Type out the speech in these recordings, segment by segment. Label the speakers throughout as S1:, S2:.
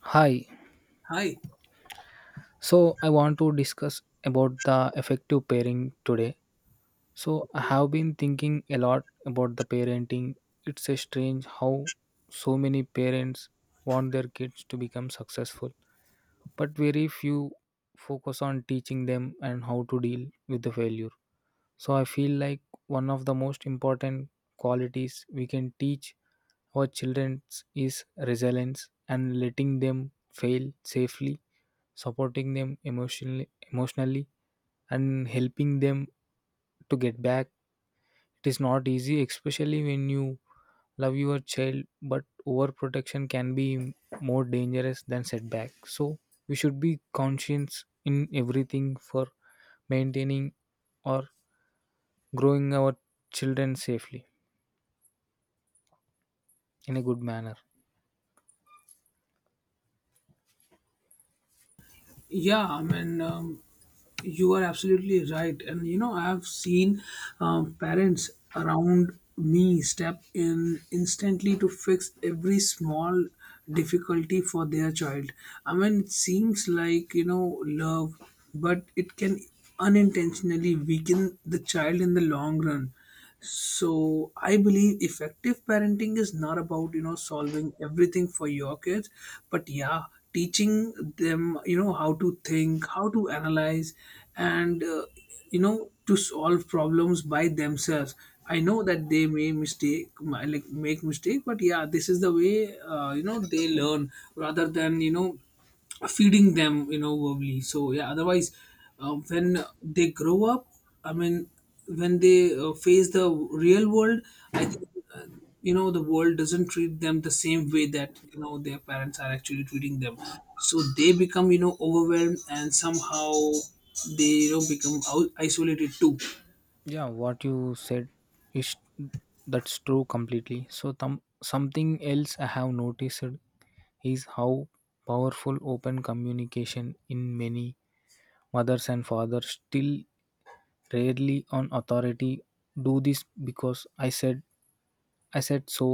S1: Hi.
S2: Hi.
S1: So I want to discuss about the effective pairing today. So I have been thinking a lot about the parenting. It's a strange how so many parents want their kids to become successful, but very few focus on teaching them and how to deal with the failure. So I feel like one of the most important qualities we can teach our children is resilience and letting them fail safely, supporting them emotionally and helping them to get back. It is not easy, especially when you love your child, but overprotection can be more dangerous than setback. So we should be conscious in everything for maintaining or growing our children safely in a good manner.
S2: Yeah, I mean, you are absolutely right. And, you know, I have seen parents around me step in instantly to fix every small difficulty for their child. I mean, it seems like, you know, love, but it can unintentionally weaken the child in the long run. So I believe effective parenting is not about, you know, solving everything for your kids, but yeah, teaching them, you know, how to think, how to analyze, and you know, to solve problems by themselves. I know that they may like make mistake, but yeah, this is the way you know, they learn rather than, you know, feeding them, you know, verbally. So yeah, otherwise, when they grow up, I mean, when they face the real world, I think, uh, you know, the world doesn't treat them the same way that, you know, their parents are actually treating them. So they become, you know, overwhelmed, and somehow they, you know, isolated too.
S1: Yeah, what you said is, that's true completely. So something else I have noticed is how powerful open communication in many mothers and fathers, still rarely on authority, do this because I said, so,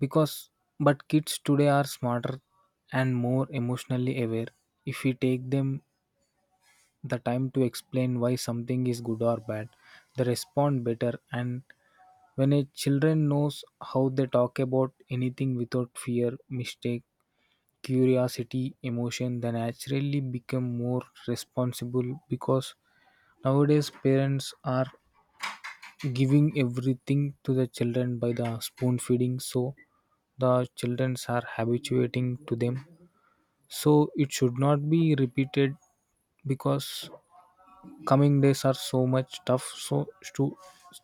S1: because, but kids today are smarter and more emotionally aware. If we take them the time to explain why something is good or bad, they respond better. And when a children knows how they talk about anything without fear mistake, curiosity, emotion, they naturally become more responsible, because nowadays parents are giving everything to the children by the spoon feeding, so the children are habituating to them. So it should not be repeated, because coming days are so much tough. So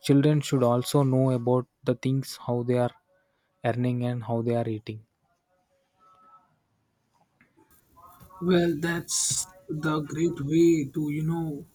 S1: children should also know about the things how they are earning and how they are eating.
S2: Well, that's the great way to, you know,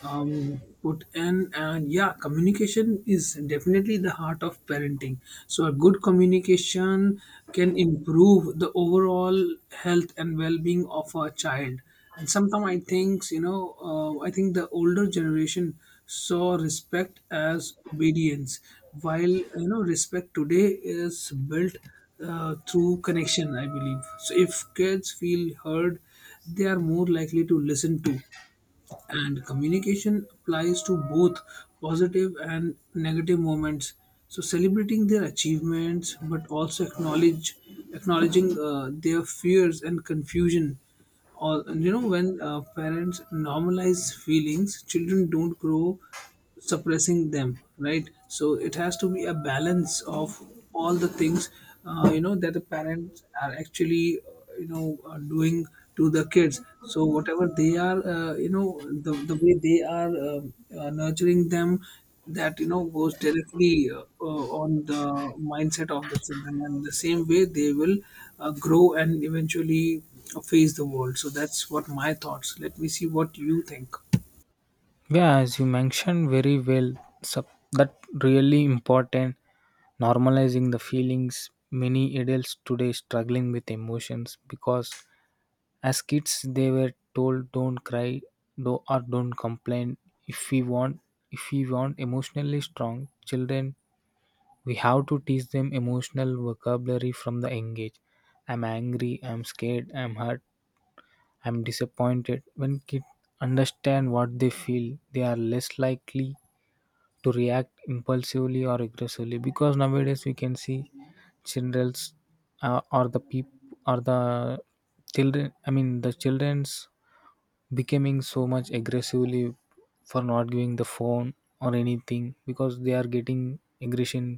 S2: put in. And yeah, communication is definitely the heart of parenting. So a good communication can improve the overall health and well being of a child. And sometimes I think, you know, I think the older generation saw respect as obedience, while, you know, respect today is built through connection, I believe. So if kids feel heard, they are more likely to listen to. And communication applies to both positive and negative moments. So celebrating their achievements, but also acknowledge acknowledging their fears and confusion. Or, you know, when parents normalize feelings, children don't grow suppressing them, right? So it has to be a balance of all the things you know, that the parents are actually, you know, doing to the kids. So whatever they are, you know, the way they are, nurturing them, that, you know, goes directly on the mindset of the children, and the same way they will grow and eventually face the world. So that's what my thoughts, let me see what you think.
S1: Yeah, as you mentioned very well, sup, that really important, normalizing the feelings. Many adults today struggling with emotions because as kids they were told don't cry, do or don't complain. If we want if we want emotionally strong children, we have to teach them emotional vocabulary from the young age. I'm angry, I'm scared, I'm hurt, I'm disappointed. When kids understand what they feel, they are less likely to react impulsively or aggressively, because nowadays we can see children's or the peop or the children I mean the children's becoming so much aggressively for not giving the phone or anything, because they are getting aggression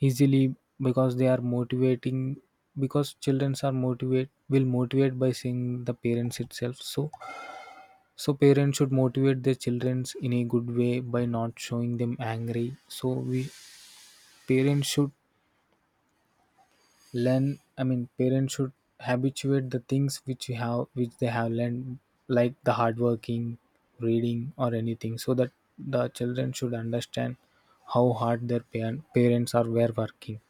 S1: easily, because they are motivating, because childrens are motivate by seeing the parents itself. So parents should motivate their childrens in a good way by not showing them angry. So we parents should learn, I mean parents should habituate the things which you have which they have learned, like the hard working, reading or anything, so that the children should understand how hard their pa- parents are were working.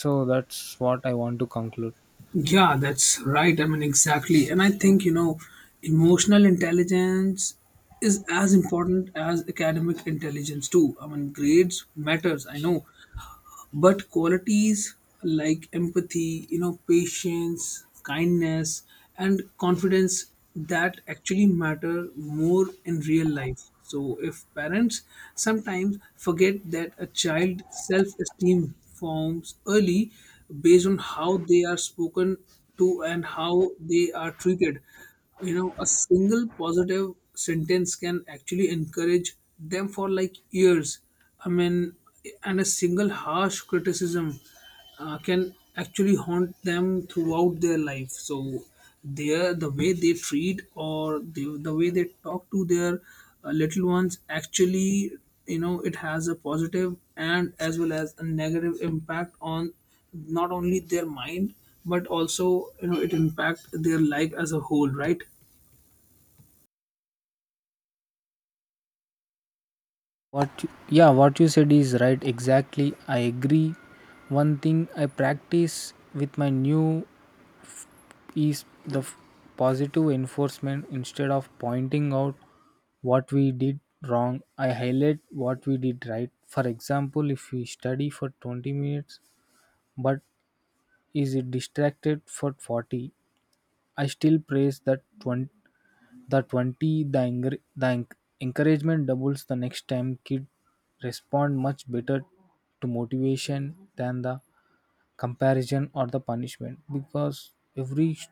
S1: So that's what I want to conclude.
S2: Yeah, that's right. I mean, exactly. And I think, you know, emotional intelligence is as important as academic intelligence too. I mean, grades matters, I know, but qualities like empathy, you know, patience, kindness, and confidence, that actually matter more in real life. So if parents sometimes forget that a child self esteem forms early based on how they are spoken to and how they are treated, you know, a single positive sentence can actually encourage them for like years. I mean, and a single harsh criticism can actually haunt them throughout their life. So their the way they treat, or the way they talk to their little ones, actually, you know, it has a positive and as well as a negative impact on not only their mind, but also, you know, it impact their life as a whole, right?
S1: what you- yeah, what you said is right, exactly, I agree. One thing I practice with my new is the positive enforcement. Instead of pointing out what we did wrong, I highlight what we did right. For example, if we study for 20 minutes but is it distracted for 40, I still praise that 20. The encouragement doubles the next time. Kid respond much better to motivation than the comparison or the punishment, because every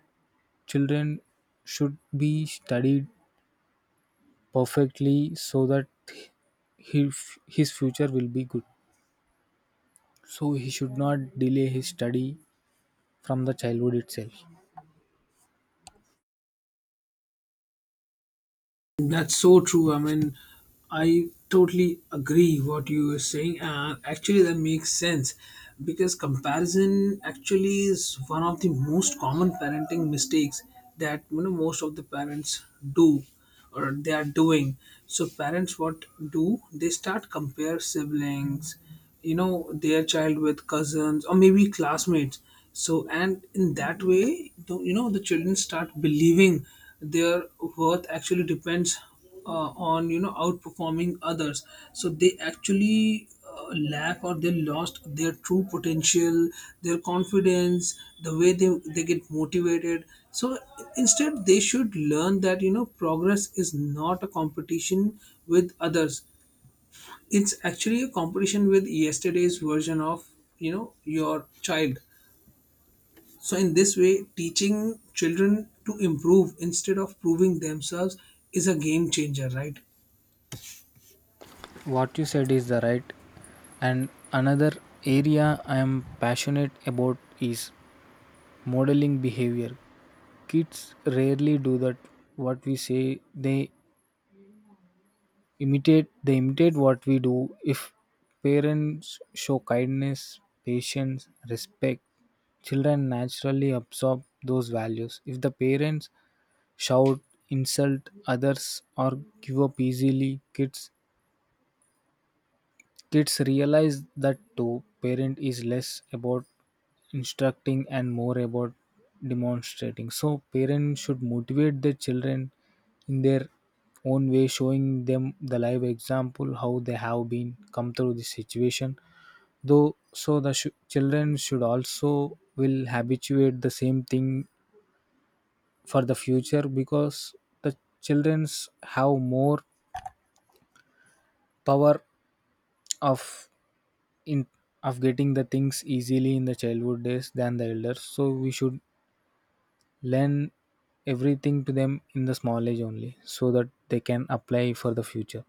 S1: children should be studied perfectly so that he, his future will be good. So he should not delay his study from the childhood itself.
S2: That's so true. I mean, I totally agree what you are saying. Actually, that makes sense because comparison actually is one of the most common parenting mistakes that, you know, most of the parents do or they are doing. So parents, what do they start, compare siblings, you know, their child with cousins or maybe classmates. So and in that way, you know, the children start believing their worth actually depends on, you know, outperforming others. So they actually lack, or they lost their true potential, their confidence, the way they get motivated. So instead they should learn that, you know, progress is not a competition with others, it's actually a competition with yesterday's version of, you know, your child. So in this way, teaching children to improve instead of proving themselves is a game changer, right?
S1: What you said is the right. And another area I am passionate about is modeling behavior. Kids rarely do that what we say. They imitate what we do. If parents show kindness, patience, respect, children naturally absorb those values. If the parents shout, insult others, or give up easily, kids realize that too. Parent is less about instructing and more about demonstrating. So parents should motivate their children in their own way, showing them the live example how they have been come through this situation. Though, so the children should also will habituate the same thing for the future, because the childrens have more power of in of getting the things easily in the childhood days than the elders. So we should learn everything to them in the small age only, so that they can apply for the future.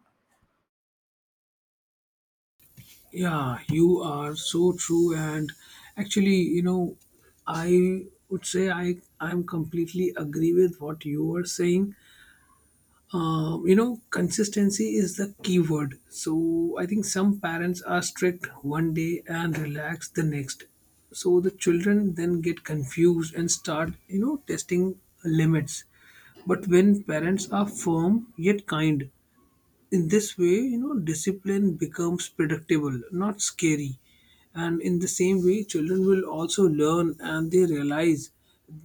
S2: Yeah, you are so true. And actually, you know, I would say I'm completely agree with what you were saying. You know, consistency is the key word. So I think some parents are strict one day and relax the next, so the children then get confused and start, you know, testing limits. But when parents are firm yet kind, in this way, you know, discipline becomes predictable, not scary. And in the same way, children will also learn, and they realize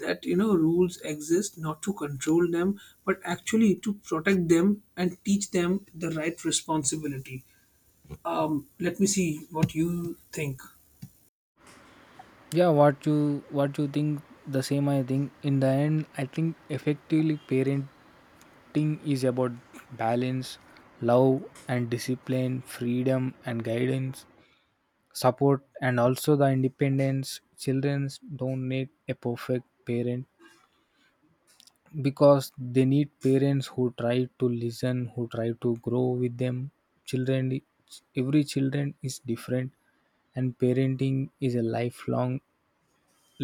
S2: that, you know, rules exist not to control them, but actually to protect them and teach them the right responsibility. Let me see what you think.
S1: Yeah, what you think the same. I think in the end, I think effectively parenting is about balance, love and discipline, freedom and guidance, support and also the independence. Children don't need a perfect parent, because they need parents who try to listen, who try to grow with them. Children, every children is different, and parenting is a lifelong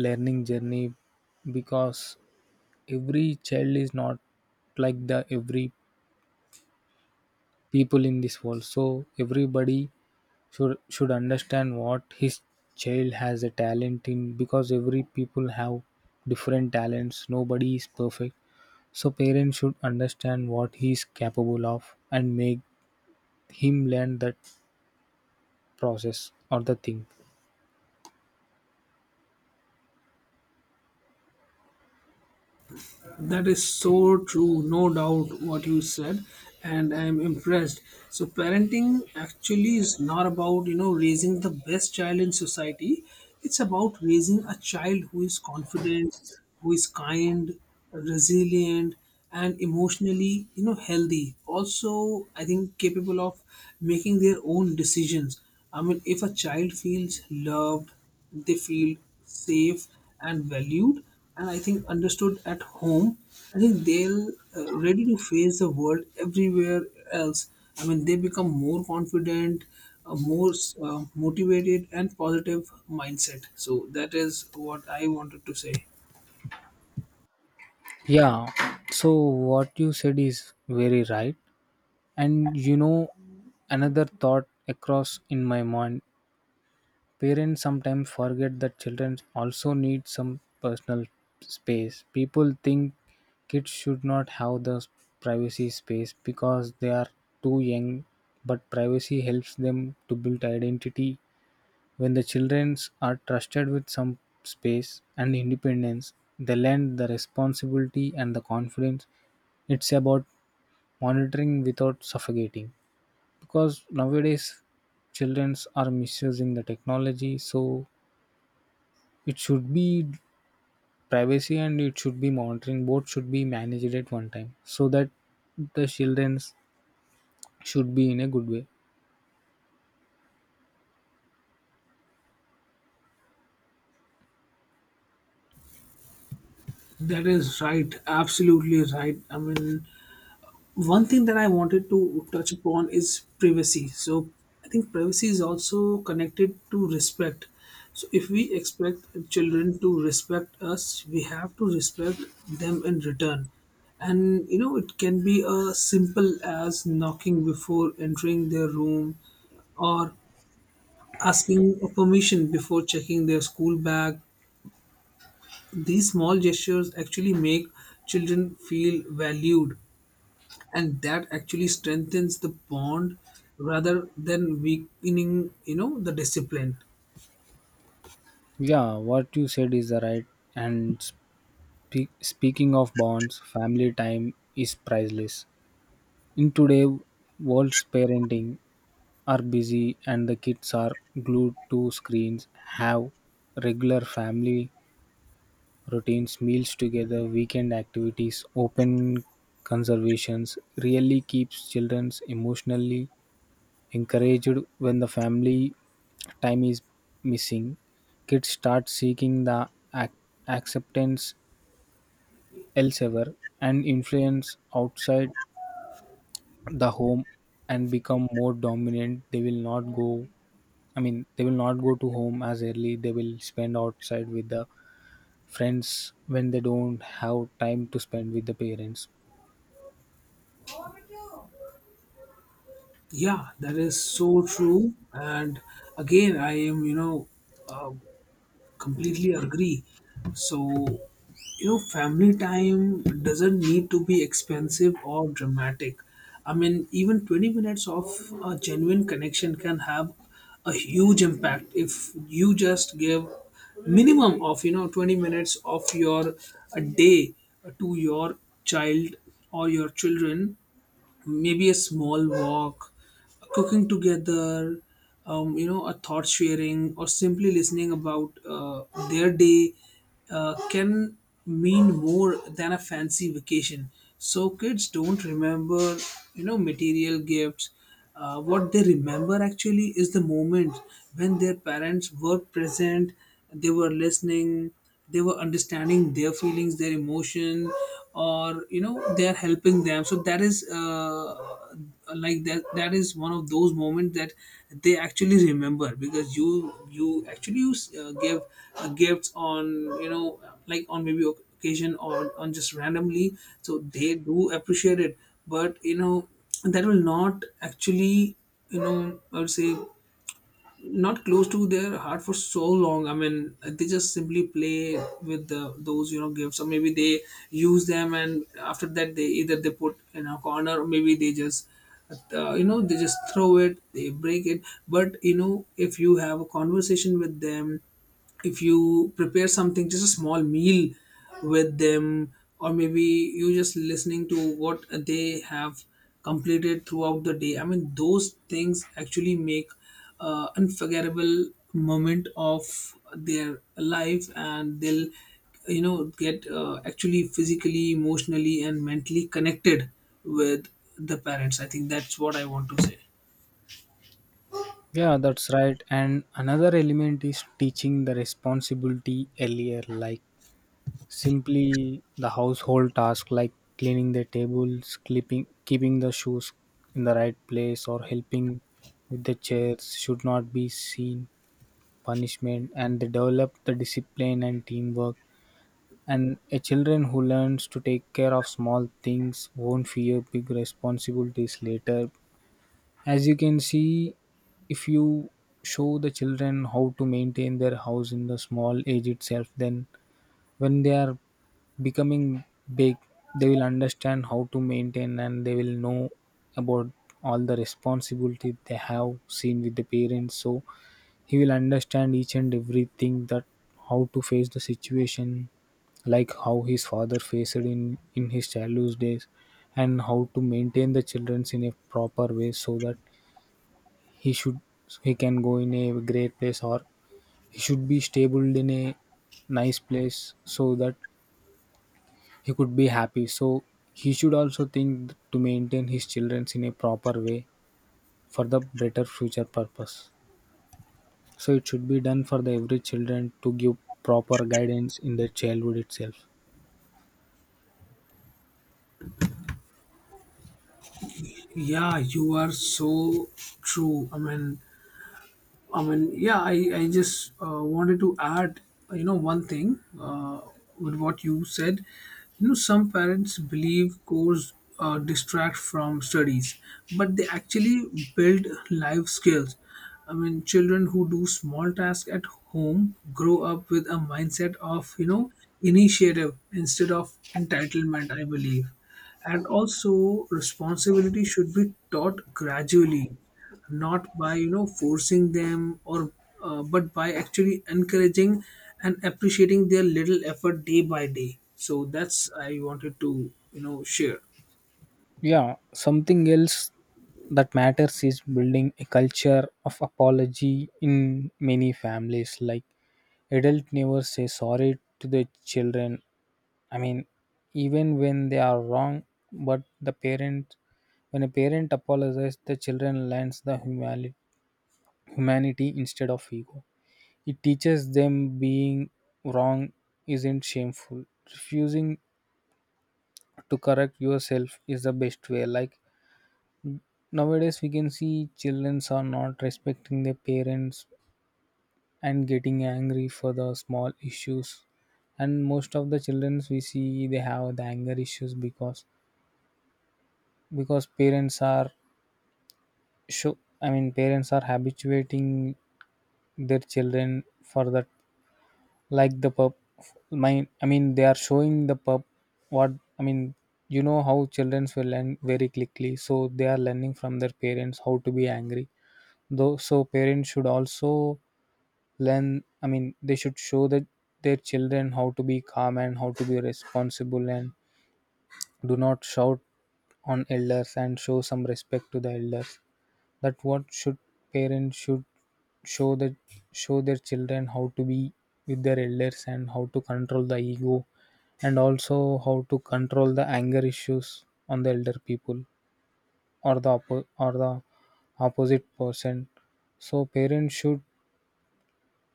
S1: learning journey, because every child is not like the every people in this world. So everybody should understand what his child has a talent in, because every people have different talents, nobody is perfect. So parents should understand what he is capable of and make him learn that process or the thing.
S2: That is so true, no doubt what you said, and I am impressed. So parenting actually is not about, you know, raising the best child in society, it's about raising a child who is confident, who is kind, resilient, and emotionally, you know, healthy. Also, I think capable of making their own decisions. I mean, if a child feels loved, they feel safe and valued, and I think understood at home, I think they'll ready to face the world everywhere else. I mean, they become more confident, more motivated and positive mindset. So that is what I wanted to say.
S1: Yeah. So what you said is very right. And you know, another thought across in my mind. Parents sometimes forget that children also need some personal space. People think kids should not have the privacy space because they are too young, but privacy helps them to build identity. When the children are trusted with some space and independence, they learn the responsibility and the confidence. It's about monitoring without suffocating. Because nowadays, children are misusing the technology, so it should be privacy and it should be monitoring. Both should be managed at one time so that the children should be in a good way.
S2: That is right, absolutely right. I mean, one thing that I wanted to touch upon is privacy. So I think privacy is also connected to respect. So if we expect children to respect us, we have to respect them in return. And you know, it can be as simple as knocking before entering their room, or asking for permission before checking their school bag. These small gestures actually make children feel valued, and that actually strengthens the bond rather than weakening, you know, the discipline.
S1: Yeah, what you said is the right. And speaking of bonds, family time is priceless. In today's world's parenting are busy and the kids are glued to screens, have regular family routines, meals together, weekend activities, open conservations really keeps children emotionally encouraged. When the family time is missing, kids start seeking the ac- acceptance elsewhere and influence outside the home and become more dominant. They will not go, I mean, they will not go to home as early. They will spend outside with the friends when they don't have time to spend with the parents.
S2: Yeah, that is so true, and again, I am, you know, uh, completely agree. So, you know, family time doesn't need to be expensive or dramatic. I mean, even 20 minutes of a genuine connection can have a huge impact if you just give minimum of, you know, 20 minutes of your a day to your child or your children. Maybe a small walk, cooking together, you know, a thought sharing, or simply listening about their day can mean more than a fancy vacation. So kids don't remember, you know, material gifts. What they remember actually is the moment when their parents were present, they were listening, they were understanding their feelings, their emotion, or you know, they're helping them. So that is like that, that is one of those moments that they actually remember. Because you actually you give gifts on, you know, like on maybe occasion or on just randomly, so they do appreciate it. But you know, that will not actually, you know, I would say, not close to their heart for so long. I mean, they just simply play with those, you know, gifts, or maybe they use them, and after that, they either they put in a corner, or maybe they just you know, they just throw it, they break it. But you know, if you have a conversation with them, if you prepare something, just a small meal with them, or maybe you just listening to what they have completed throughout the day, I mean, those things actually make unforgettable moment of their life, and they'll, you know, get actually physically, emotionally, and mentally connected with the parents. I think that's what I want to say.
S1: Yeah, that's right. And another element is teaching the responsibility earlier, like simply the household tasks like cleaning the tables, clipping, keeping the shoes in the right place, or helping with the chairs should not be seen punishment, and they develop the discipline and teamwork. And a children who learns to take care of small things won't fear big responsibilities later. As you can see, if you show the children how to maintain their house in the small age itself, then when they are becoming big, they will understand how to maintain and they will know about all the responsibility they have seen with the parents. So he will understand each and everything, that how to face the situation, like how his father faced it in his childhood days, and how to maintain the childrens in a proper way, so that he should he can go in a great place, or he should be stable in a nice place, so that he could be happy. So he should also think to maintain his childrens in a proper way for the better future purpose. So it should be done for the every children, to give proper guidance in their childhood itself.
S2: Yeah, you are so true. I mean, yeah, I just wanted to add, you know, one thing with what you said. You know, some parents believe course distract from studies, but they actually build life skills. I mean, children who do small tasks at home grow up with a mindset of, you know, initiative instead of entitlement, I believe. And also, responsibility should be taught gradually, not by, you know, forcing them, or but by actually encouraging and appreciating their little effort day by day. So that's I wanted to, you know, share.
S1: Yeah, something else that matters is building a culture of apology in many families. Like adult never say sorry to the children, I mean, even when they are wrong. But the parent, when a parent apologizes, the children learns the humanity instead of ego. It teaches them being wrong isn't shameful. Refusing to correct yourself is the best way. Like nowadays, we can see children are not respecting their parents and getting angry for the small issues. And most of the children we see, they have the anger issues, because parents are, sure, I mean parents are habituating their children for that, like the pub. I mean they are showing the pub, what I mean. You know how children will learn very quickly, so they are learning from their parents how to be angry. Though, so parents should also learn. I mean, they should show that their children how to be calm and how to be responsible and do not shout on elders and show some respect to the elders that what should parents should show that show their children how to be with their elders and how to control the ego and also how to control the anger issues on the elder people or the opposite person, so parents should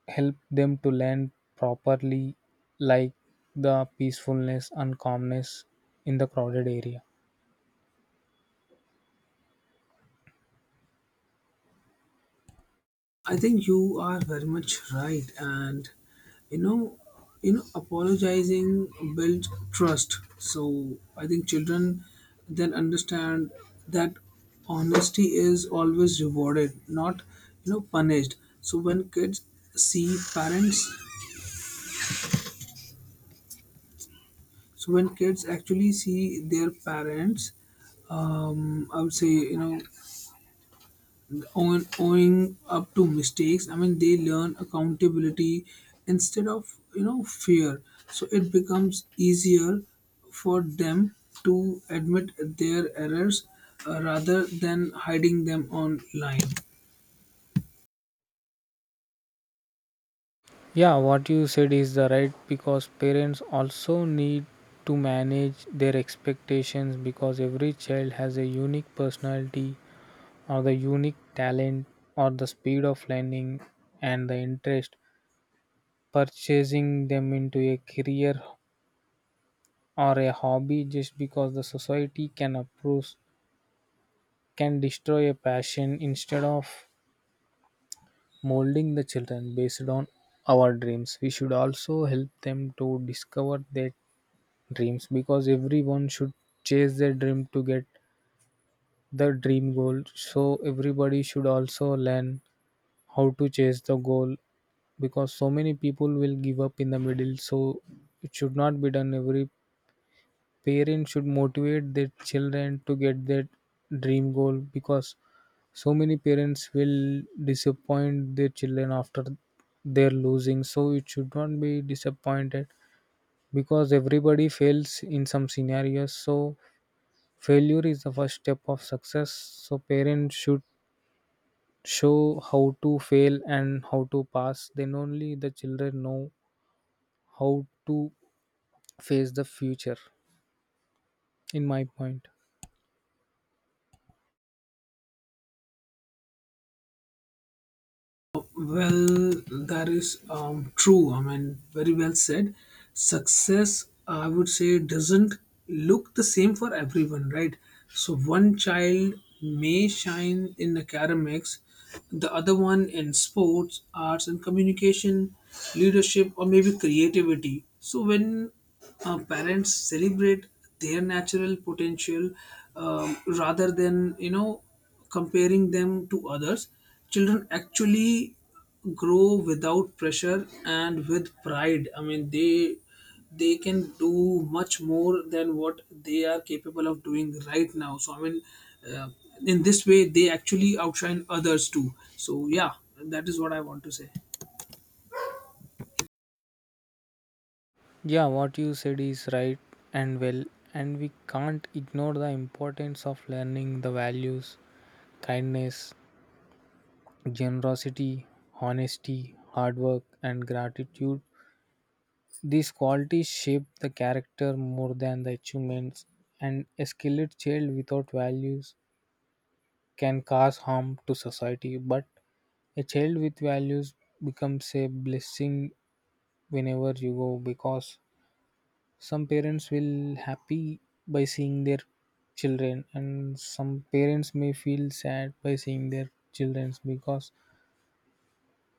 S1: help them to learn properly, like the peacefulness and calmness in the crowded area.
S2: I think you are very much right, and you know, you know, apologizing builds trust. So I think children then understand that honesty is always rewarded, not, you know, punished. So see parents, when kids actually see their parents, I would say, you know, owing up to mistakes, I mean, they learn accountability instead of, you know, fear. So it becomes easier for them to admit their errors rather than hiding them online.
S1: Yeah, what you said is the right, because parents also need to manage their expectations, because every child has a unique personality or the unique talent or the speed of learning and the interest purchasing them into a career or a hobby just because the society can approve can destroy a passion. Instead of molding the children based on our dreams, we should also help them to discover their dreams, because everyone should chase their dream to get the dream goal, so everybody should also learn how to chase the goal, because so many people will give up in the middle, so it should not be done. Every parent should motivate their children to get their dream goal, because so many parents will disappoint their children after they're losing, so it should not be disappointed, because everybody fails in some scenarios. So failure is the first step of success, so parents should show how to fail and how to pass. Then only the children know how to face the future, in my point.
S2: Well, that is true. I mean, very well said. Success, I would say, doesn't look the same for everyone, right? So one child may shine in academics, the other one in sports, arts, and communication, leadership, or maybe creativity. So when parents celebrate their natural potential rather than, you know, comparing them to others, children actually grow without pressure and with pride. I mean, they can do much more than what they are capable of doing right now. So uh, in this way, they actually outshine others too. So yeah, that is what I want to say.
S1: Yeah, what you said is right, and well, and we can't ignore the importance of learning the values, kindness, generosity, honesty, hard work, and gratitude. These qualities shape the character more than the achievements, and a skilled child without values can cause harm to society. But a child with values becomes a blessing whenever you go, because some parents will happy by seeing their children and some parents may feel sad by seeing their children, because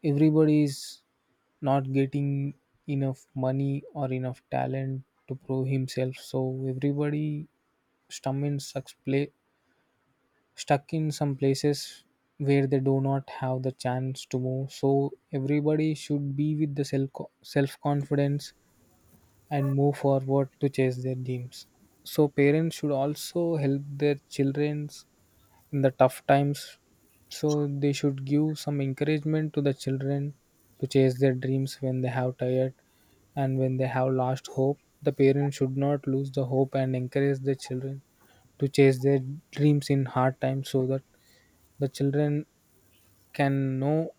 S1: everybody is not getting enough money or enough talent to prove himself. So everybody stum in such pla stuck in some places where they do not have the chance to move. So everybody should be with the self confidence and move forward to chase their dreams. So parents should also help their childrens in the tough times. So they should give some encouragement to the children to chase their dreams when they have tired and when they have lost hope. The parents should not lose the hope and encourage the children to chase their dreams in hard times, so that the children can know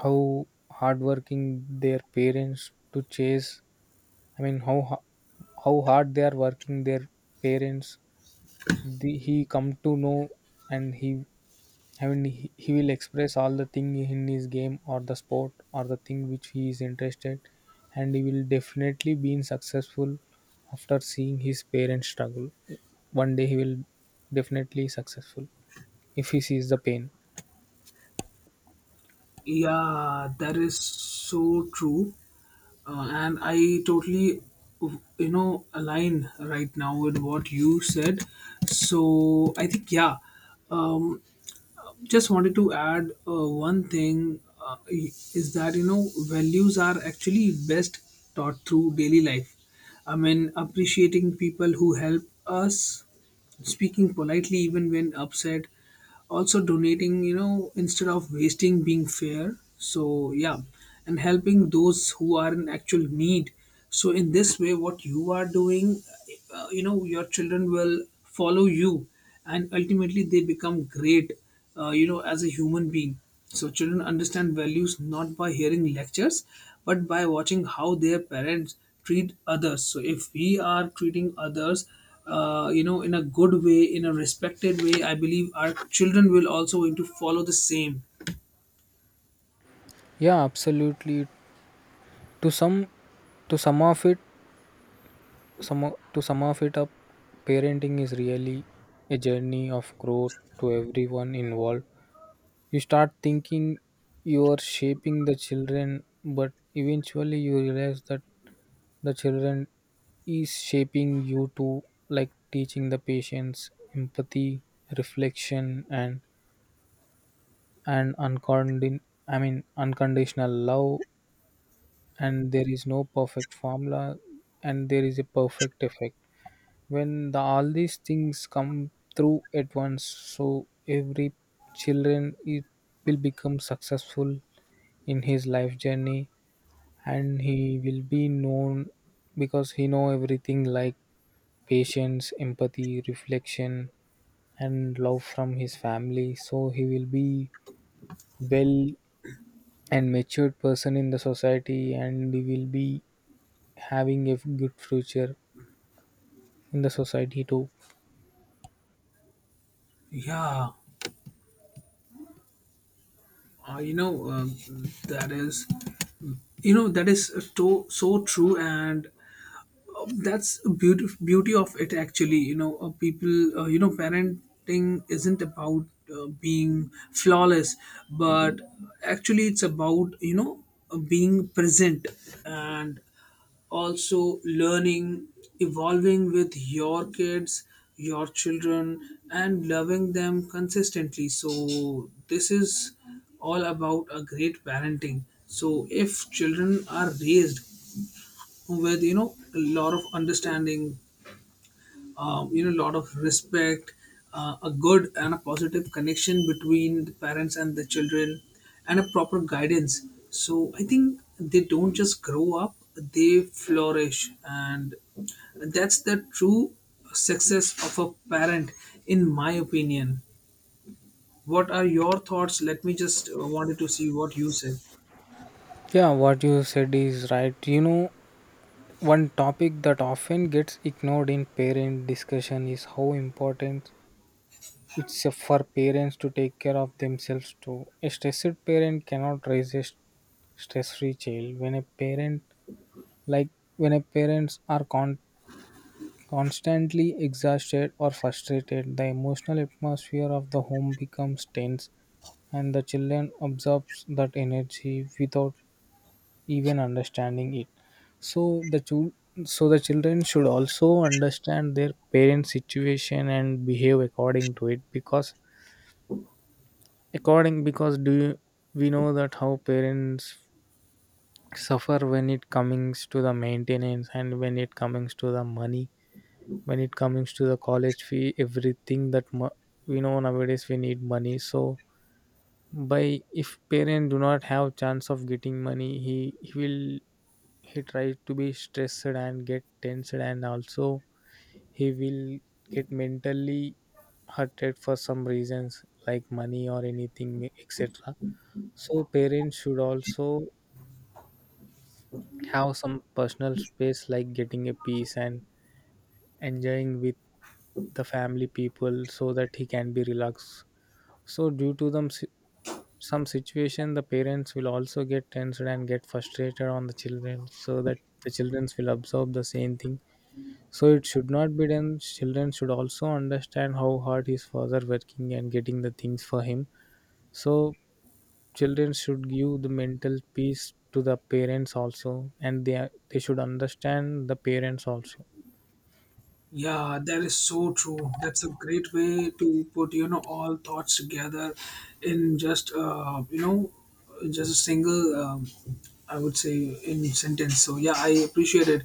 S1: how hardworking their parents to chase. I mean, how ho- how hard they are working, their parents. He come to know, and he and he will express all the thing in his game or the sport or the thing which he is interested, and he will definitely be successful. After seeing his parents struggle, one day he will definitely successful if he sees the pain.
S2: Yeah, that is so true. And I totally align right now with what you said. So I think yeah. um, just wanted to add one thing is that you know values are actually best taught through daily life. I mean, appreciating people who help us, speaking politely even when upset, also donating, you know, instead of wasting, being fair, so yeah, and helping those who are in actual need. So in this way, what you are doing, you know, your children will follow you, and ultimately they become great, you know, as a human being. So children understand values not by hearing lectures, but by watching how their parents treat others. So if we are treating others, you know, in a good way, in a respected way, I believe our children will also going to follow the same.
S1: Yeah, absolutely. to some to sum of it to sum of it up, parenting is really a journey of growth to everyone involved. You start thinking you are shaping the children, but eventually you realize that the children is shaping you too, like teaching the patience, empathy, reflection, and uncondin I mean unconditional love. And there is no perfect formula, and there is a perfect effect. All these things come through at once, so every children it will become successful in his life journey, and he will be known because he know everything, like patience, empathy, reflection, and love from his family. So he will be well and matured person in the society, and he will be having a good future in the society too.
S2: Yeah, uh, you know, um that is, you know, that is so so true, and that's a beauty of it actually, you know. People, you know, parenting isn't about being flawless, but actually it's about, you know, being present, and also learning, evolving with your kids, your children, and loving them consistently. So this is all about a great parenting. So if children are raised with, you know, a lot of understanding, you know, a lot of respect, a good and a positive connection between the parents and the children, and a proper guidance, so I think they don't just grow up, they flourish, and that's the true success of a parent, in my opinion. What are your thoughts? Let me just wanted to see what you said.
S1: Yeah, what you said is right, you know. One topic that often gets ignored in parent discussion is how important it's for parents to take care of themselves too. A stressed parent cannot raise a stress-free child. When a parent like when a parents are con- Constantly exhausted or frustrated, the emotional atmosphere of the home becomes tense and the children absorbs that energy without even understanding it. so the chul- so the children should also understand their parents situation and behave according to it, because according because we know that how parents suffer when it comes to the maintenance and when it comes to the money, when it comes to the college fee, everything. We know nowadays we need money, so by if parent do not have chance of getting money, he will, he tries to be stressed and get tensed, and also he will get mentally hurted for some reasons like money or anything etc. So parents should also have some personal space like getting a peace and enjoying with the family people so that he can be relaxed. So due to them si- Some situation the parents will also get tensed and get frustrated on the children, so that the children will absorb the same thing. So it should not be done. Children should also understand how hard his father working and getting the things for him. So children should give the mental peace to the parents also, and they should understand the parents also.
S2: Yeah, that is so true. That's a great way to put, you know, all thoughts together in just, you know, just a single, I would say, in sentence. So yeah, I appreciate it,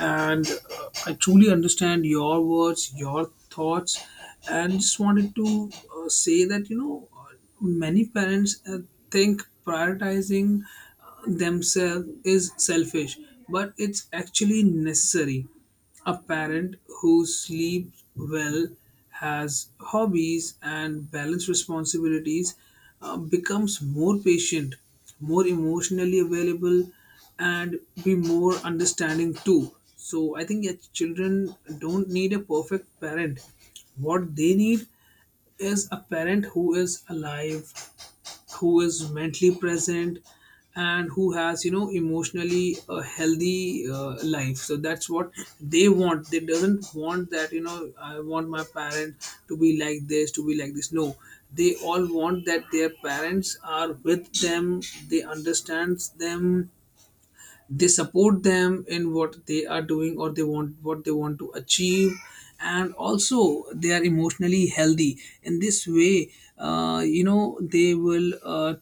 S2: and I truly understand your words, your thoughts, and just wanted to say that, you know, many parents think prioritizing themselves is selfish, but it's actually necessary. A parent who sleeps well, has hobbies, and balanced responsibilities becomes more patient, more emotionally available, and be more understanding too. So, I think your children don't need a perfect parent. What they need is a parent who is alive, who is mentally present, and who has, you know, emotionally a healthy life. So that's what they want. They doesn't want that, you know, I want my parent to be like this, to be like this. No, they all want that their parents are with them, they understands them, they support them in what they are doing or they want what they want to achieve, and also they are emotionally healthy. In this way, you know, they will,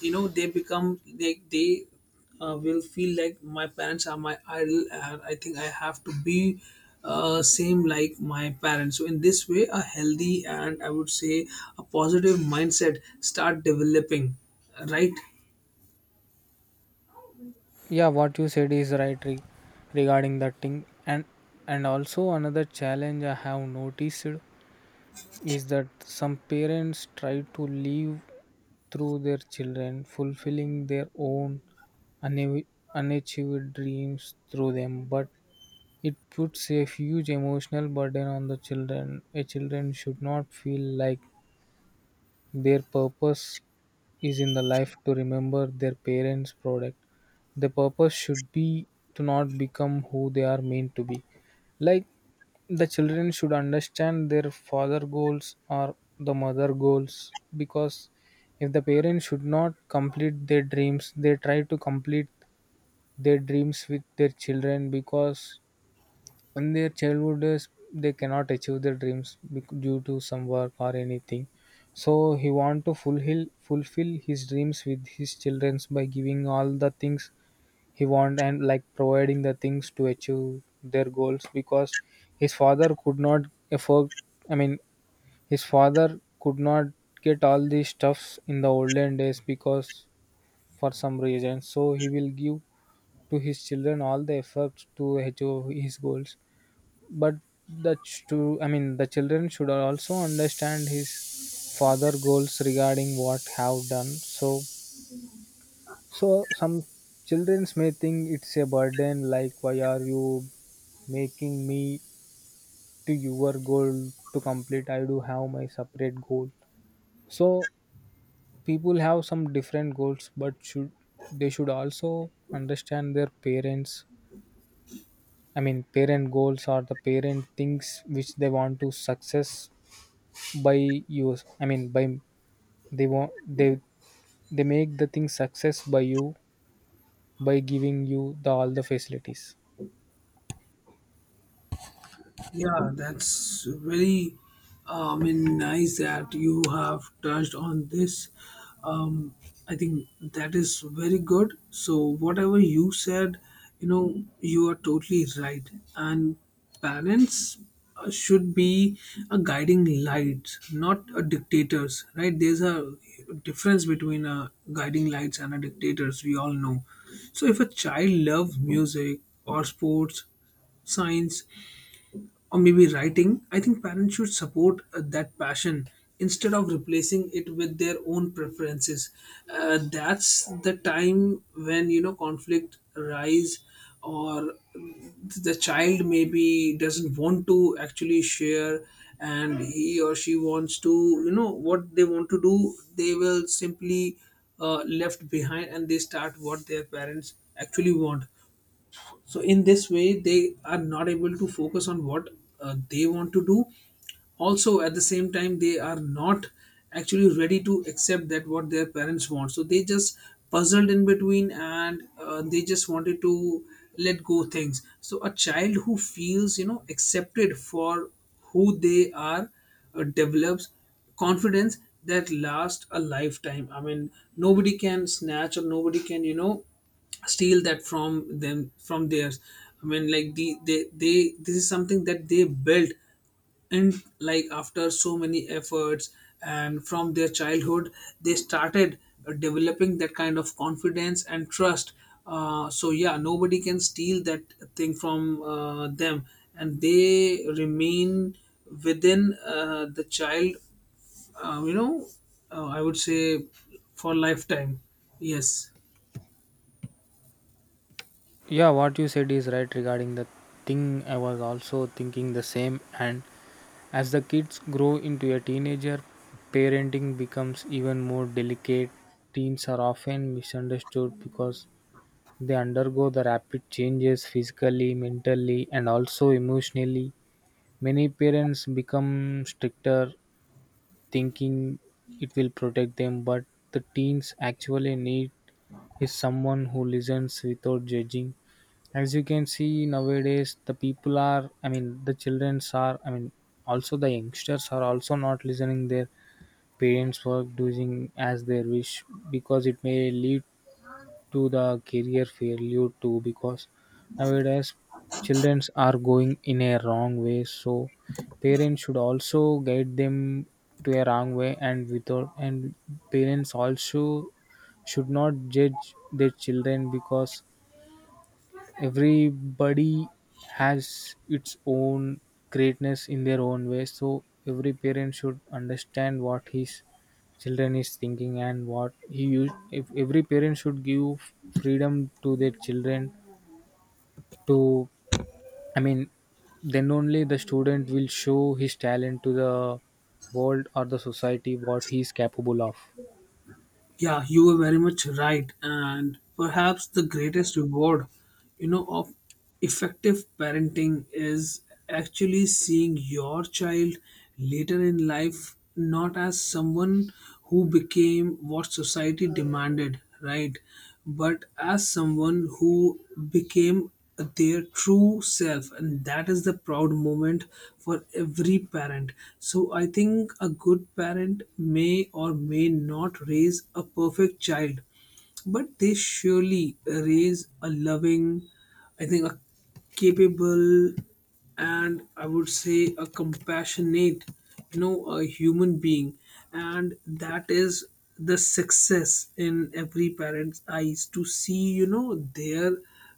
S2: you know, they become like they, will feel like my parents are my idol, and I think I have to be same like my parents. So in this way, a healthy and I would say a positive mindset start developing, right?
S1: Yeah, what you said is right regarding that thing, and also another challenge I have noticed is that some parents try to live through their children, fulfilling their own unav- unachieved dreams through them, but it puts a huge emotional burden on the children. A children should not feel like their purpose is in the life to remember their parents' product. The purpose should be to not become who they are meant to be. Like the children should understand their father goals or the mother goals, because if the parents should not complete their dreams, they try to complete their dreams with their children, because in their childhood days they cannot achieve their dreams due to some work or anything. So he want to fulfill his dreams with his children by giving all the things he want and like providing the things to achieve their goals, because his father could not afford. I mean, his father could not get all these stuffs in the olden days because for some reason. So he will give to his children all the efforts to achieve his goals. But the ch- to I mean the children should also understand his father goals regarding what have done. So so some children may think it's a burden, like why are you making me to your goal to complete? I do have my separate goal. So people have some different goals, but should they should also understand their parents. I mean, parent goals are the parent things which they want to success by you. By they want they they make the thing success by you, by giving you the all the facilities.
S2: Yeah, that's very, I mean, nice that you have touched on this. Um, I think that is very good. So whatever you said, you know, you are totally right. And parents should be a guiding light, not a dictators, right? There's a difference between a guiding lights and a dictators. We all know. So if a child loves music or sports, science or maybe writing, I think parents should support that passion instead of replacing it with their own preferences. That's the time when, you know, conflict arise, or the child maybe doesn't want to actually share, and he or she wants to, you know, what they want to do, they will simply left behind, and they start what their parents actually want. So in this way, they are not able to focus on what they want to do. Also at the same time, they are not actually ready to accept that what their parents want, so they just puzzled in between, and they just wanted to let go things. So a child who feels, you know, accepted for who they are develops confidence that lasts a lifetime. I mean, nobody can snatch or nobody can, you know, steal that from them, from theirs. I mean, like they this is something that they built, and like after so many efforts and from their childhood, they started developing that kind of confidence and trust. So yeah, nobody can steal that thing from them, and they remain within the child, uh, you know I would say for lifetime. Yes.
S1: Yeah, what you said is right regarding the thing. I was also thinking the same. And as the kids grow into a teenager, parenting becomes even more delicate. Teens are often misunderstood because they undergo the rapid changes physically, mentally, and also emotionally. Many parents become stricter, thinking it will protect them, but the teens actually need is someone who listens without judging. As you can see nowadays, the people are, I mean, the childrens are, I mean, also the youngsters are also not listening their parents' work, doing as their wish, because it may lead to the career failure too, because nowadays children are going in a wrong way. So parents should also guide them to a wrong way, and without and parents also should not judge their children, because everybody has its own greatness in their own way. So every parent should understand what his children is thinking and what he use. If every parent should give freedom to their children to, I mean, then only the student will show his talent to the world or the society what he is capable of.
S2: Yeah, you were very much right. And perhaps the greatest reward, you know, of effective parenting is actually seeing your child later in life, not as someone who became what society demanded, right? But as someone who became their true self, and that is the proud moment for every parent. So I think a good parent may or may not raise a perfect child, but they surely raise a loving, I think a capable, and I would say a compassionate, you know, a human being. And that is the success in every parent's eyes, to see, you know, their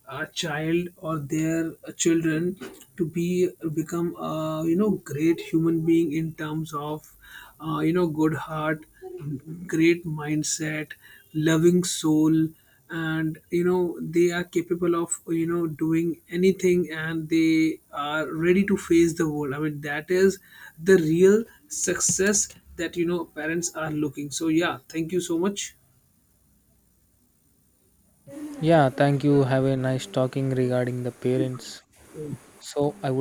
S2: child or their children to be become a, you know, great human being in terms of you know, good heart, great mindset, loving soul, and you know they are capable of, you know, doing anything, and they are ready to face the world. I mean, that is the real success that, you know, parents are looking. So yeah, thank you so much.
S1: Yeah, thank you, have a nice talking regarding the parents. So I would